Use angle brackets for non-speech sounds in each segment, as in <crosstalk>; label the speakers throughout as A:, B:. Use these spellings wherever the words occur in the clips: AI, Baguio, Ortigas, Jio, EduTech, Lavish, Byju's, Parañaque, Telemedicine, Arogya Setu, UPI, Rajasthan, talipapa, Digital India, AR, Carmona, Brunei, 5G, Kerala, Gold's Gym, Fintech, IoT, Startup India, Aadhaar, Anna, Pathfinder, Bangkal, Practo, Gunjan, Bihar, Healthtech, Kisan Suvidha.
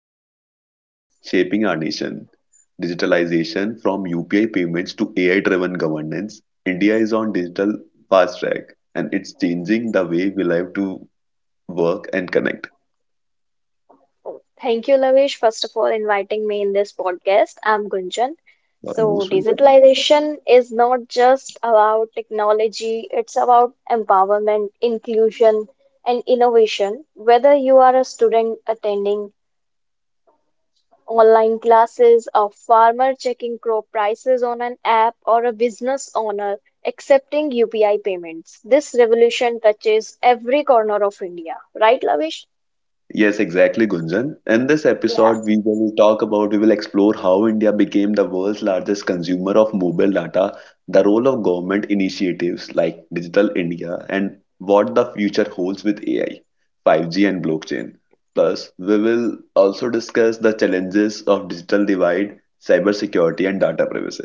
A: transformation shaping our nation. Digitalization from UPI payments to AI-driven governance. India is on digital fast track, and it's changing the way we live to work and connect.
B: Thank you, Lavish, first of all, inviting me in this podcast. I'm Gunjan.
A: Or
B: So,
A: most will.
B: digitalization is not just about technology, it's about empowerment, inclusion, and innovation. Whether you are a student attending online classes, a farmer checking crop prices on an app, or a business owner accepting UPI payments, this revolution touches every corner of India. Right, Lavish?
A: Yes, exactly, Gunjan. In this
B: Yeah.
A: episode, we will explore how India became the world's largest consumer of mobile data, the role of government initiatives like Digital India, and what the future holds with AI, 5G, and blockchain. Plus, we will also discuss the challenges of digital divide, cybersecurity, and data privacy.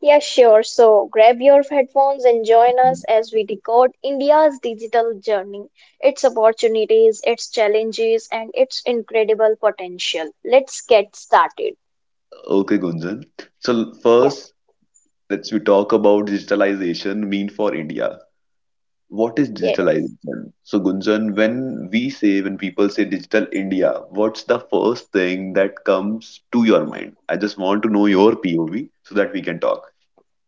B: Yeah, sure. So grab your headphones and join us as we decode India's digital journey, its opportunities, its challenges, and its incredible potential. Let's get started.
A: Okay, Gunjan. So
B: Yeah.
A: first, let's we talk about digitalization mean for India. What is
B: Yes.
A: digitalization? So, Gunjan, when people say digital India, what's the first thing that comes to your mind? I just want to know your POV so that we can talk.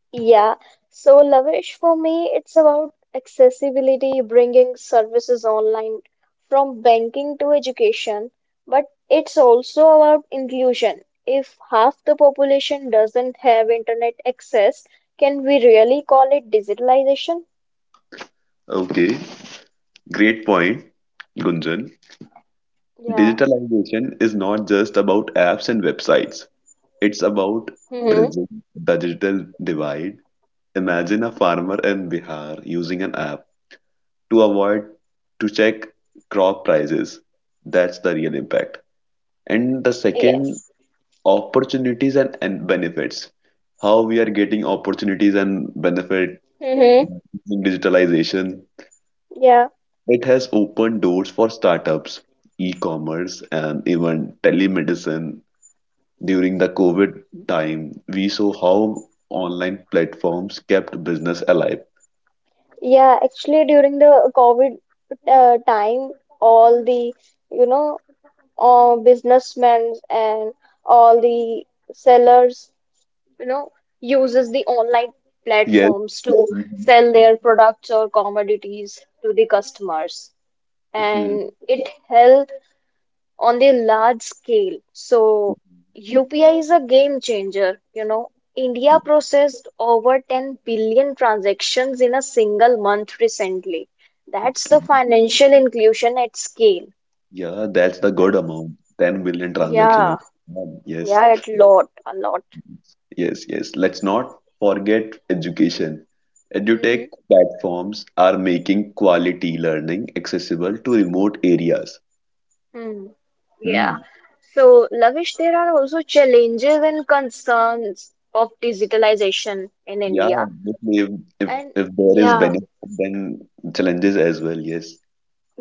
B: Yeah, so Lavish, for me, it's about accessibility, bringing services online from banking to education, but it's also about inclusion. If half the population doesn't have internet access, can we really call it digitalization?
A: Okay, great point, Gunjan.
B: Yeah.
A: Digitalization is not just about apps and websites, it's about
B: hmm
A: bridging the digital divide. Imagine a farmer in Bihar using an app to avoid to check crop prices. That's the real impact. And the second
B: Yes.
A: opportunities and benefits, how we are getting opportunities and benefit
B: hmm
A: in digitalization.
B: Yeah.
A: It has opened doors for startups, e-commerce, and even telemedicine. During the covid time, we saw how online platforms kept business alive.
B: Yeah, actually during the COVID time, all the, you know, all businessmen and all the sellers, you know, uses the online
A: Yes.
B: platforms to
A: <laughs>
B: sell their products or commodities to the customers.
A: Mhm.
B: And it helped on the large scale. So UPI is a game changer.
A: Mhm.
B: India processed over 10 billion transactions in a single month recently. That's the
A: Mhm.
B: financial inclusion at scale,
A: Yeah, that's the good
B: right?
A: amount, 10 billion transaction,
B: Yeah.
A: yes.
B: Yeah, a lot, a lot.
A: Yes, yes. Let's not forget education. EduTech
B: hmm
A: platforms are making quality learning accessible to remote areas.
B: Mm. Yeah.
A: Hmm.
B: So, Lavish, there are also challenges and concerns of digitalization in
A: Yeah,
B: India.
A: definitely. if, if,
B: And
A: if there is
B: yeah,
A: benefit, then challenges as well. Yes.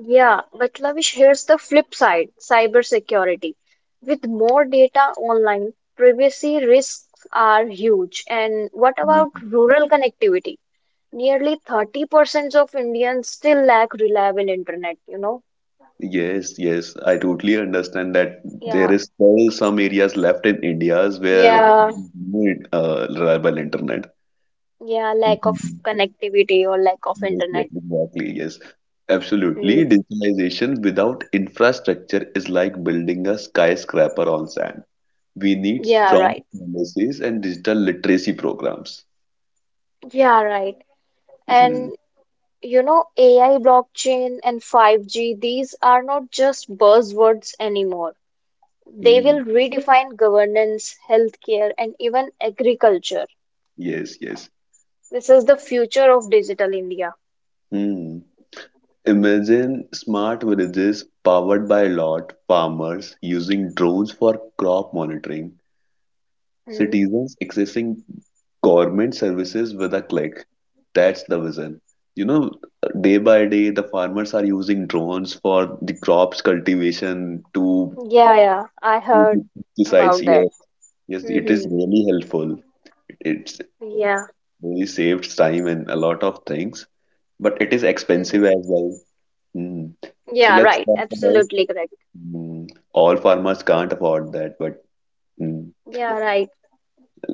B: yeah. But Lavish, here's the flip side, cybersecurity. With more data online, privacy risks are huge. And what about
A: Hmm.
B: rural connectivity? Nearly 30% of Indians still lack reliable internet?
A: Yes, yes. I totally understand that there
B: Yeah.
A: is still some areas left in India's where
B: Yeah.
A: no, reliable internet.
B: Yeah, lack of
A: Hmm.
B: connectivity or lack of
A: Yes, yes,
B: internet.
A: exactly. Yes, absolutely.
B: Mm,
A: Digitalization without infrastructure is like building a skyscraper on sand. We need
B: yeah,
A: strong
B: right.
A: policies and digital literacy programs.
B: Yeah, right.
A: Mhm,
B: And you know, AI, blockchain, and 5G, these are not just buzzwords anymore. They
A: mhm.
B: will redefine governance, healthcare, and even agriculture.
A: Yes, yes.
B: This is the future of digital India.
A: Hmm. Imagine smart villages powered by lot, farmers using drones for crop monitoring,
B: Mm,
A: citizens accessing government services with a click. That's the vision. You know, day by day, the farmers are using drones for the crops cultivation to
B: yeah, yeah, I heard
A: <laughs> pesticides.
B: about that.
A: Yes, yes, it is
B: Mm-hmm.
A: really helpful. It's
B: Yeah.
A: really saved time and a lot of things, but it is expensive
B: Mm-hmm.
A: as well. Mm. So
B: Yeah,
A: let's
B: right.
A: talk about,
B: Absolutely correct.
A: mm, all farmers can't afford that, but mm,
B: Yeah, right.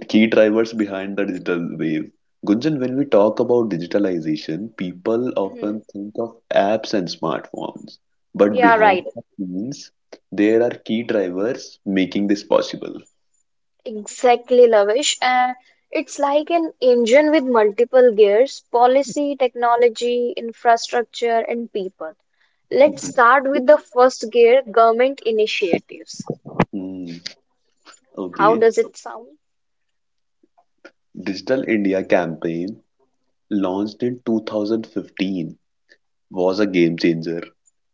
A: key drivers behind the digital wave. Gunjan, when we talk about digitalization, people
B: Mm-hmm.
A: often think of apps and smartphones. But
B: Yeah,
A: behind
B: right.
A: the scenes, there are key drivers making this possible.
B: Exactly, Lavish. And it's like an engine with multiple gears, policy, technology, infrastructure, and people. Let's
A: Mhm.
B: start with the first gear, government initiatives.
A: Hmm,
B: How
A: okay.
B: does it sound?
A: Digital India campaign, launched in 2015, was a game changer.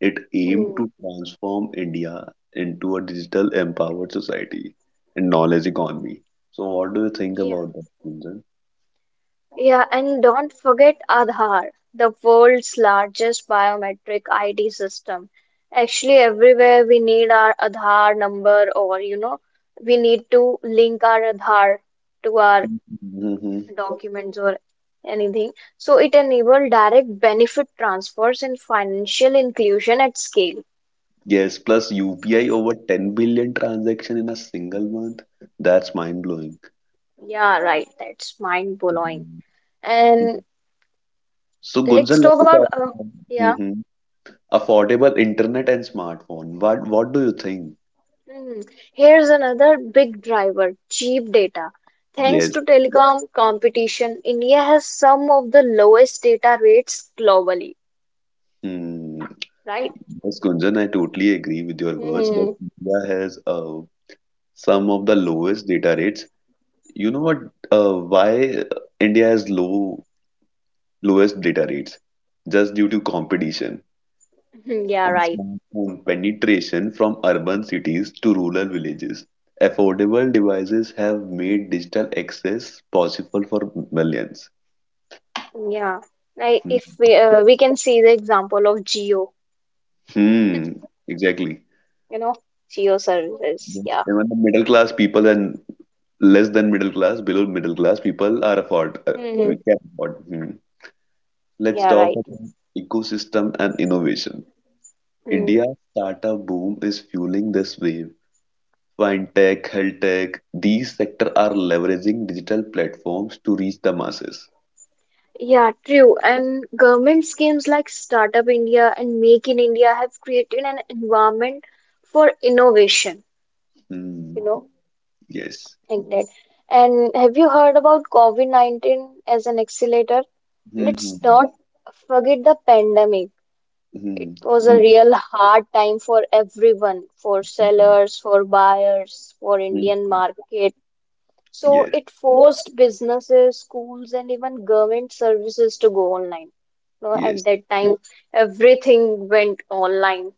A: It aimed
B: Hmm.
A: to transform India into a digital empowered society and knowledge economy. So, what do you think
B: Yeah.
A: about that?
B: Yeah, and don't forget Aadhaar, the world's largest biometric ID system. Actually, everywhere we need our Aadhaar number, or we need to link our Aadhaar to our
A: Mhm.
B: documents or anything. So it enabled direct benefit transfers and financial inclusion at scale.
A: Yes, plus UPI over 10 billion transaction in a single month. That's mind-blowing.
B: Yeah, right. That's mind blowing. And
A: So
B: let's
A: Gunjan,
B: talk
A: let's
B: about
A: talk about,
B: yeah.
A: mhm, affordable internet and smartphone. What do you think?
B: Hmm. Here's another big driver, cheap data. Thanks
A: Yes.
B: to telecom competition, India has some of the lowest data rates globally,
A: Hmm.
B: right?
A: Yes, Gunjan, I totally agree with your words that
B: Hmm. <laughs>
A: India has some of the lowest data rates. You know what? Why India has lowest data rates? Just due to competition.
B: Yeah,
A: And
B: right.
A: smart home penetration from urban cities to rural villages. Affordable devices have made digital access possible for millions.
B: Yeah. Like
A: Hmm,
B: if we can see the example of Jio
A: hmm, exactly.
B: you know, geo services.
A: Yes.
B: Yeah.
A: Even the middle class people and less than middle class, below middle class people are afford.
B: hmm
A: We can afford. Hmm. Let's
B: Yeah,
A: talk
B: right.
A: about ecosystem and innovation.
B: Mm.
A: India's startup boom is fueling this wave. Fintech, healthtech, these sectors are leveraging digital platforms to reach the masses.
B: Yeah, true. And government schemes like Startup India and Make in India have created an environment for innovation,
A: Hmm.
B: you know,
A: Yes.
B: like that. And have you heard about COVID-19 as an accelerator? Let's
A: Hmm.
B: not forget the pandemic. It
A: Hmm.
B: was a
A: Hmm.
B: real hard time for everyone, for
A: Hmm.
B: sellers, for buyers, for
A: Hmm.
B: Indian
A: Hmm.
B: market. So
A: Yes.
B: it forced businesses, schools, and even government services to go online. You know, at
A: Yes.
B: that time, everything went online.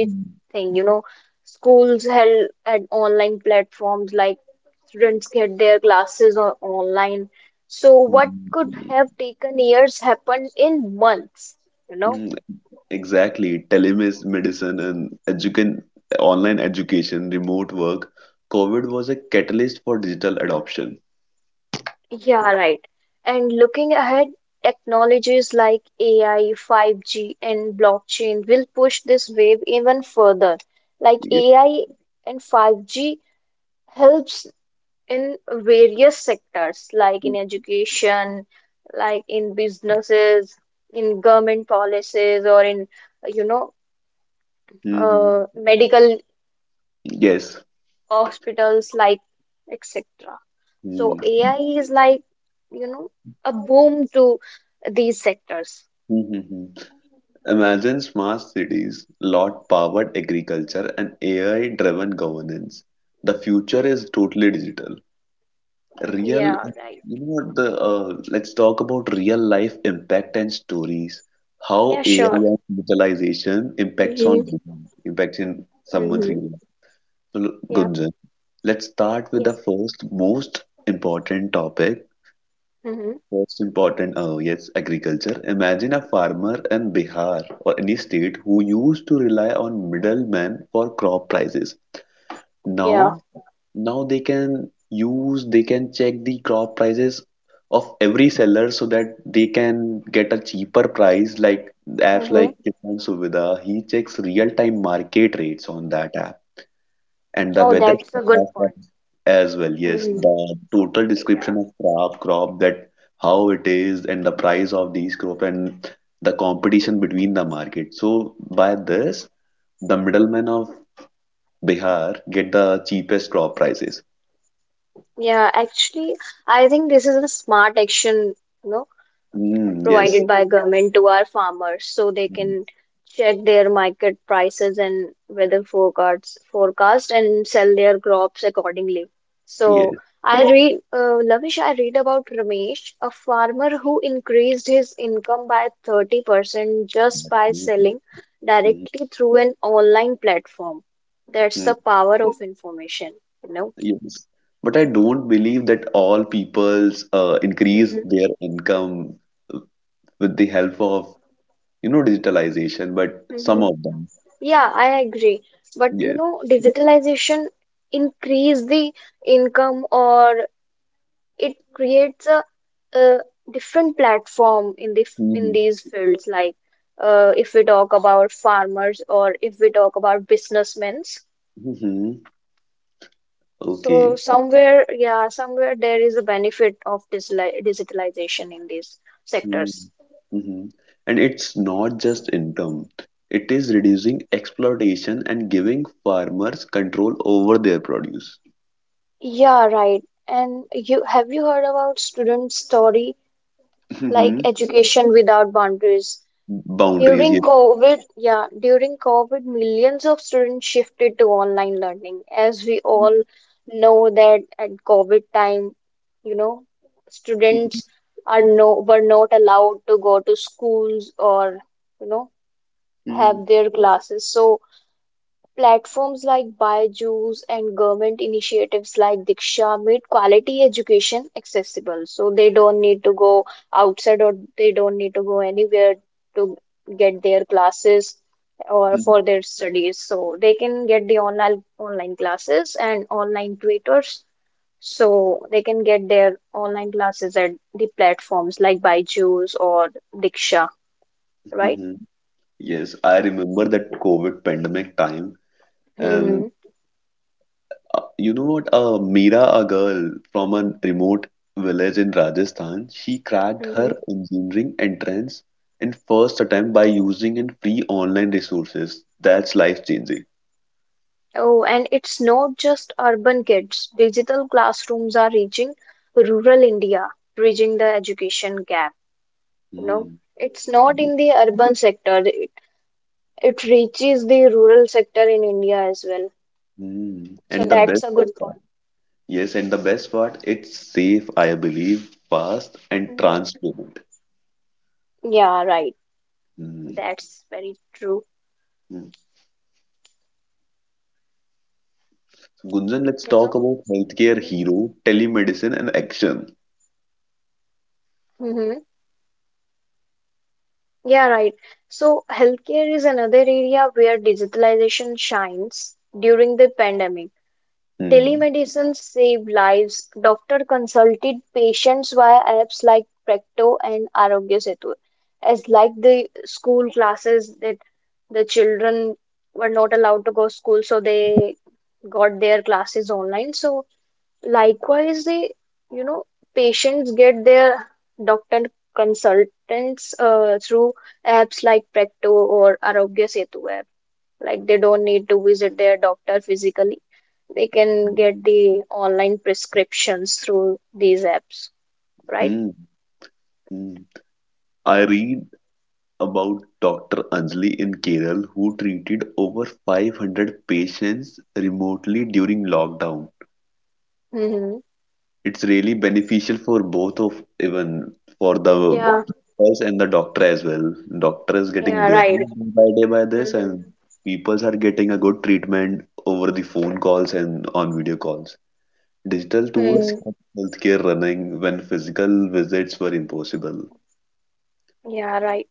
A: Hmm.
B: you know, schools held at online platforms like students get their classes on online. So what could
A: Hmm.
B: have taken years happened in months, you
A: Hmm.
B: know?
A: Hmm. Exactly. Telemedicine and education, online education, remote work. COVID was a catalyst for digital adoption.
B: Yeah, right. And looking ahead, technologies like AI, 5G, and blockchain will push this wave even further. Like
A: Yes.
B: AI and 5G helps in various sectors, like in
A: Hmm.
B: education, like in businesses, in government policies, or in, you know,
A: Hmm.
B: medical
A: Yes.
B: hospitals, like etc. So
A: Hmm.
B: AI is like, you know, a boom to these sectors.
A: Hmm. Hmm. Hmm. Imagine smart cities, lot-powered agriculture, and AI-driven governance. The future is totally digital. Real,
B: Yeah, right.
A: you know what the let's talk about real life impact and stories. How
B: Yeah,
A: AI
B: sure.
A: and digitalization
B: hmm
A: impacts in someone's
B: hmm
A: real life. So,
B: Yeah,
A: Gunjan, let's start with
B: yeah.
A: the first most important topic,
B: hmm
A: oh yes, agriculture. Imagine a farmer in Bihar or any state who used to rely on middlemen for crop prices.
B: Yeah.
A: Now, now they can check the crop prices of every seller so that they can get a cheaper price. Like apps
B: hmm
A: like Kisan Suvidha, he checks real-time market rates on that app and the
B: Oh,
A: weather
B: that's a good
A: forecast
B: point.
A: as well. Yes,
B: hmm
A: the total
B: Yeah.
A: description of crop, that how it is, and the price of these crop and the competition between the market. So by this, the middlemen of Bihar get the cheapest crop prices.
B: Yeah, actually, I think this is a smart action, you know,
A: Mm, yes.
B: provided by government to our farmers so they
A: Mm,
B: can check their market prices and weather forecast and sell their crops accordingly. So
A: yes.
B: I read Lavish, I read about Ramesh, a farmer who increased his income by 30% just by
A: Mm.
B: selling
A: Mm.
B: directly through an online platform. That's
A: Mm,
B: the power of information, you know?
A: yes. But I don't believe that all peoples increase their income with the help of, you know, digitalization. But some of them.
B: Yeah, I agree. But you
A: Yes.
B: know, digitalization increase the income or it creates a different platform in
A: Mm.
B: these fields. Like if we talk about farmers or if we talk about businessmen.
A: Hmm.
B: So
A: Okay.
B: somewhere, yeah, somewhere there is a benefit of digitalization in these
A: Mm.
B: sectors.
A: Hmm. And it's not just income. It is reducing exploitation and giving farmers control over their produce.
B: Yeah, right. And you heard about student story like
A: Hmm.
B: education without boundaries?
A: Boundaries,
B: During
A: yes.
B: COVID, yeah, during COVID, millions of students shifted to online learning. As we
A: Mm-hmm.
B: all know that at COVID time, you know, students are no were not allowed to go to schools, or, you know,
A: Mm-hmm.
B: have their classes. So platforms like Byju's and government initiatives like Diksha made quality education accessible. So they don't need to go outside or they don't need to go anywhere to get their classes or for their studies. So they can get the online classes and online tutors. So they can get their online classes at the platforms like Byju's or Diksha, right?
A: Mm-hmm. Yes, I remember that COVID pandemic time. Um.
B: Mm-hmm.
A: You know what? Meera, a girl from a remote village in Rajasthan, she cracked her engineering entrance in first attempt by using and free online resources. That's life changing.
B: Oh, and it's not just urban kids. Digital classrooms are reaching rural India, bridging the education gap. You know,
A: Hmm.
B: it's not in the urban sector. It reaches the rural sector in India as well.
A: Hmm.
B: So
A: And the best,
B: that's a good point.
A: yes, and the best part, it's safe, I believe, fast and
B: hmm
A: transparent.
B: Yeah, right.
A: Hmm.
B: That's very true.
A: Hmm. So, Gunjan, let's talk about healthcare
B: Mm-hmm.
A: hero, telemedicine, and action.
B: Yeah, right. So healthcare is another area where digitalization shines during the pandemic.
A: Hmm.
B: Telemedicine saved lives. Doctor consulted patients via apps like Practo and Arogya Setu, as like the school classes that the children were not allowed to go school, so they got their classes online. So likewise, the you know patients get their doctor consultants through apps like Practo or Arogya Setu app. Like they don't need to visit their doctor physically, they can get the online prescriptions through these apps, right?
A: Hmm. Hmm. I read about Doctor Anjali in Kerala who treated over 500 patients remotely during lockdown.
B: Mm-hmm.
A: It's really beneficial for both of, even for the
B: Yeah,
A: us and the doctor as well. Doctor is getting
B: yeah, right.
A: business day by day by this,
B: Mm-hmm.
A: and peoples are getting a good treatment over the phone calls and on video calls. Digital tools
B: mm
A: kept healthcare running when physical visits were impossible.
B: Yeah, right.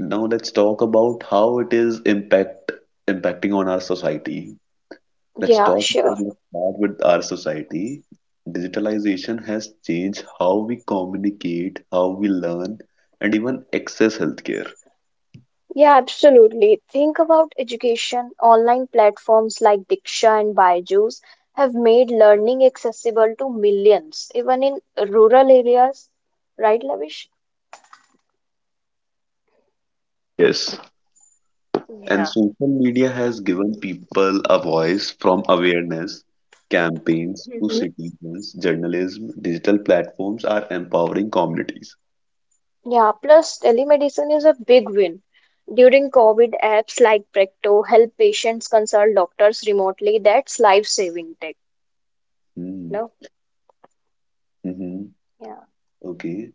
A: Now let's talk about how it is impacting on our society.
B: Yeah, sure.
A: Let's start with our society. Digitalization has changed how we communicate, how we learn, and even access healthcare.
B: Yeah, absolutely. Think about education. Online platforms like Diksha and Byju's have made learning accessible to millions, even in rural areas, right, Lavish?
A: Yes. And social media has given people a voice from awareness campaigns to
B: So,
A: citizens, journalism, digital platforms are empowering communities.
B: yeah, plus telemedicine is a big win. During COVID, apps like Practo help patients consult doctors remotely. That's life-saving tech,
A: Hmm.
B: no?
A: Hmm. Hmm.
B: Yeah.
A: Okay.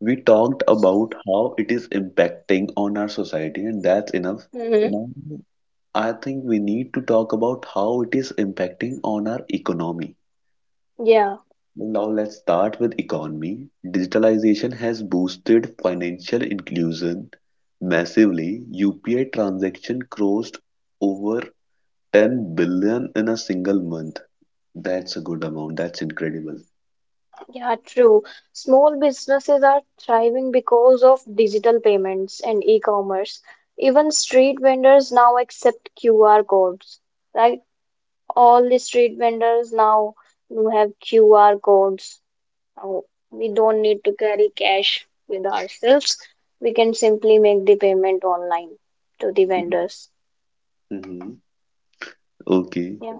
A: We talked
B: So,
A: about how it is impacting on our society, and that's enough.
B: hmm
A: Now, I think we need to talk about how it is impacting on our economy.
B: yeah,
A: Now, let's start with economy. Digitalization has boosted financial inclusion massively. UPI transaction crossed over 10 billion in a single month. That's a good amount. That's incredible.
B: yeah, true. Small businesses are thriving because of digital payments and e-commerce. Even street vendors now accept QR codes, right? All the street vendors now do have QR codes. Uh, we don't need to carry cash with ourselves. We can simply make the payment online to the vendors.
A: Mhm. Okay.
B: Yeah,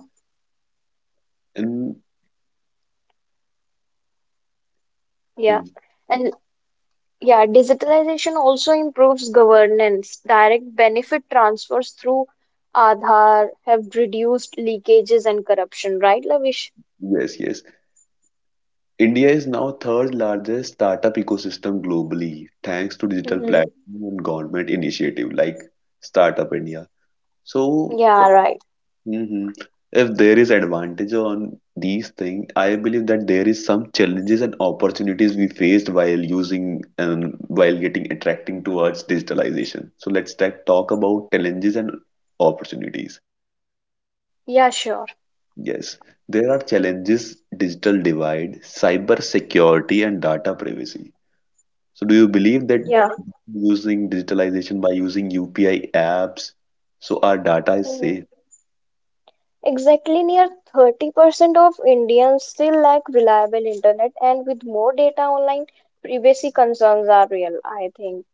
A: And
B: yeah.
A: mm,
B: And yeah, digitalization also improves governance. Direct benefit transfers through Aadhaar have reduced leakages and corruption, right, Lavish?
A: yes, yes. India is now third largest startup ecosystem globally, thanks to digital
B: Mm-hmm.
A: platform and government initiative like Startup India. So,
B: Yeah, right.
A: mhm, if there is advantage on these things, I believe that there is some challenges and opportunities we faced while using and while getting attracting towards digitalization. So talk about challenges and opportunities.
B: Yeah, sure.
A: Yes, there are challenges: digital divide, cyber security, and data privacy. So do you believe that
B: Yeah.
A: using digitalization by using UPI apps, so our data is safe?
B: Exactly near 30% of Indians still lack reliable internet, and with more data online, privacy concerns are real, I think.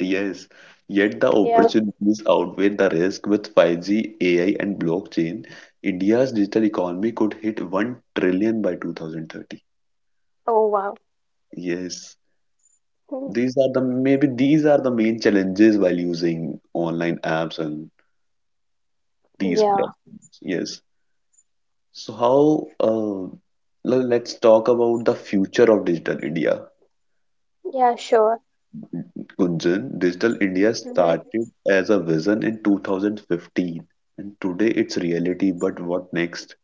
A: Yes. Yet the
B: Yeah.
A: opportunities outweigh the risk with 5G, AI, and blockchain. India's digital economy could hit 1 trillion by 2030.
B: Oh, wow.
A: Yes.
B: Hmm.
A: These are the main challenges while using online apps and these
B: Yeah.
A: platforms. Yes. So how let's talk about the future of digital India.
B: Yeah, sure.
A: Gunjan, Digital India
B: hmm
A: started as a vision in 2015 and today it's reality. But what next?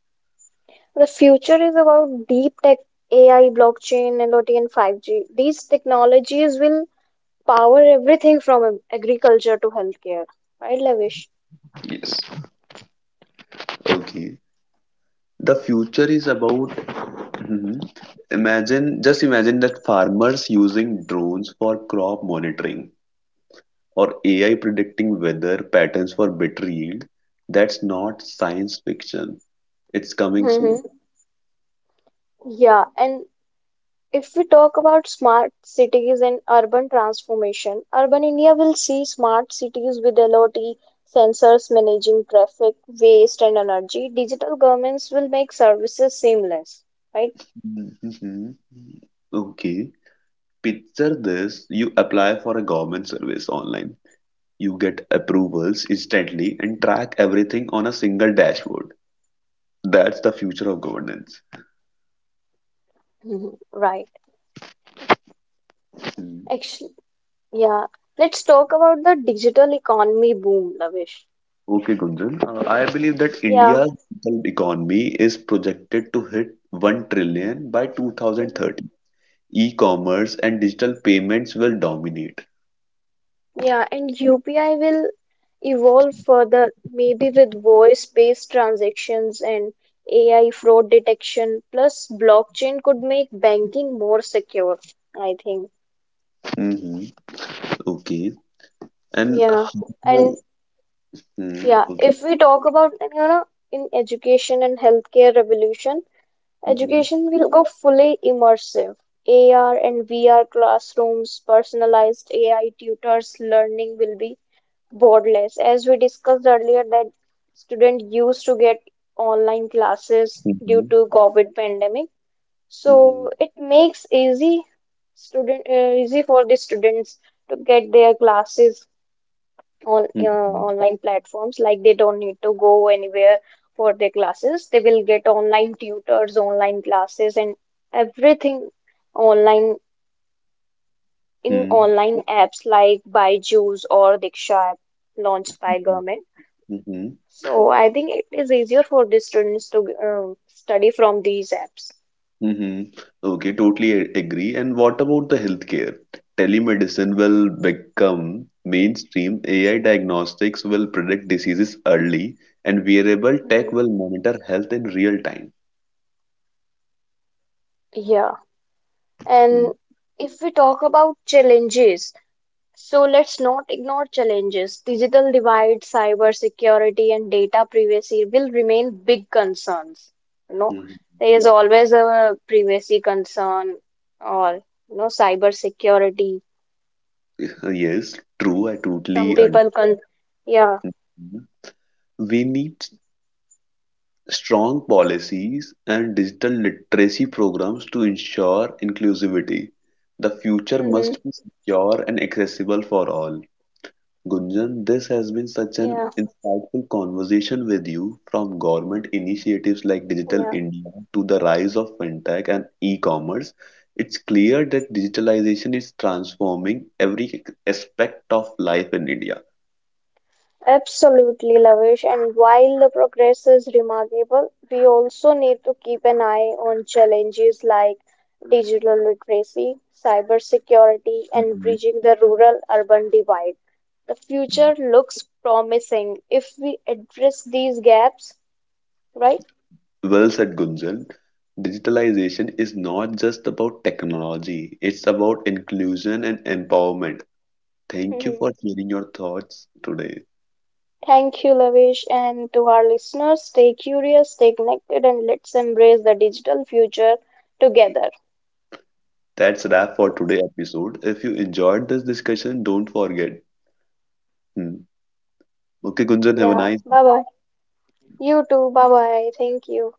B: The future is about deep tech, AI, blockchain, IoT, and 5G. These technologies will power everything from agriculture to healthcare. Right, Lavish?
A: Yes. Okay. The future is about, mhm, imagine, just imagine that farmers using drones for crop monitoring or AI predicting weather patterns for better yield. That's not science fiction. It's coming soon.
B: Mm-hmm. Yeah, and if we talk about smart cities and urban transformation, urban India will see smart cities with LOT, sensors managing traffic, waste, and energy. Digital governments will make services seamless, right?
A: Mhm. Okay. Picture this, you apply for a government service online. You get approvals instantly and track everything on a single dashboard. That's the future of governance.
B: Mhm. Right.
A: Hmm.
B: Actually, yeah. Let's talk about the digital economy boom, Lavish.
A: Okay, Gunjan. I believe that
B: Yeah.
A: India's digital economy is projected to hit 1 trillion by
B: Mhm.
A: 2030. E-commerce and digital payments will dominate.
B: Yeah, and UPI will evolve further, maybe with voice-based transactions and AI fraud detection, plus blockchain could make banking more secure, I think.
A: Hmm. Okay. And
B: Yeah.
A: how?
B: And
A: Mm,
B: yeah,
A: okay.
B: if we talk about, you know, in education and healthcare revolution,
A: Hmm.
B: education will go fully immersive. AR and VR classrooms, personalized AI tutors, learning will be Boardless, as we discussed earlier, that students used to get online classes due
A: Hmm.
B: to COVID pandemic.
A: Hmm.
B: So it makes easy for the students to get their classes on
A: Hmm.
B: online platforms. Like they don't need to go anywhere for their classes. They will get online tutors, online classes, and everything online in
A: Hmm.
B: online apps like Byju's or Diksha app launched by government.
A: Hmm.
B: So I think it is easier for the students to study from these apps.
A: Mm-hmm. Okay, totally agree. And what about the healthcare? Telemedicine will become mainstream. AI diagnostics will predict diseases early, and wearable
B: Mhm.
A: tech will monitor health in real time.
B: Yeah.
A: Mm.
B: And if we talk about challenges, so let's not ignore challenges. Digital divide, cyber security, and data privacy will remain big concerns. You know,
A: Mhm.
B: there is always a privacy concern or you know cyber security.
A: Yes, true. I totally
B: Some
A: understand.
B: people con yeah.
A: We need strong policies and digital literacy programs to ensure inclusivity. The future
B: hmm
A: must be secure and accessible for all. Gunjan, this has been such an
B: Yeah.
A: insightful conversation with you, from government initiatives like Digital
B: Yeah.
A: India to the rise of fintech and e commerce. It's clear that digitalization is transforming every aspect of life in India.
B: Absolutely, Lavish. And while the progress is remarkable, we also need to keep an eye on challenges like digital literacy, cybersecurity, and
A: Mhm.
B: bridging the rural-urban divide. The future looks promising if we address these gaps, right?
A: Well said, Gunjan. Digitalization is not just about technology, it's about inclusion and empowerment. Thank you
B: Mhm.
A: for sharing your thoughts today.
B: Thank you, Lavish. And to our listeners, stay curious, stay connected, and let's embrace the digital future together.
A: That's wrap for
B: Thank-
A: today episode. If you enjoyed this discussion, don't forget. Hmm. Okay, Gunjan, have a
B: Yeah,
A: nice
B: bye bye. You too, bye bye. Thank you.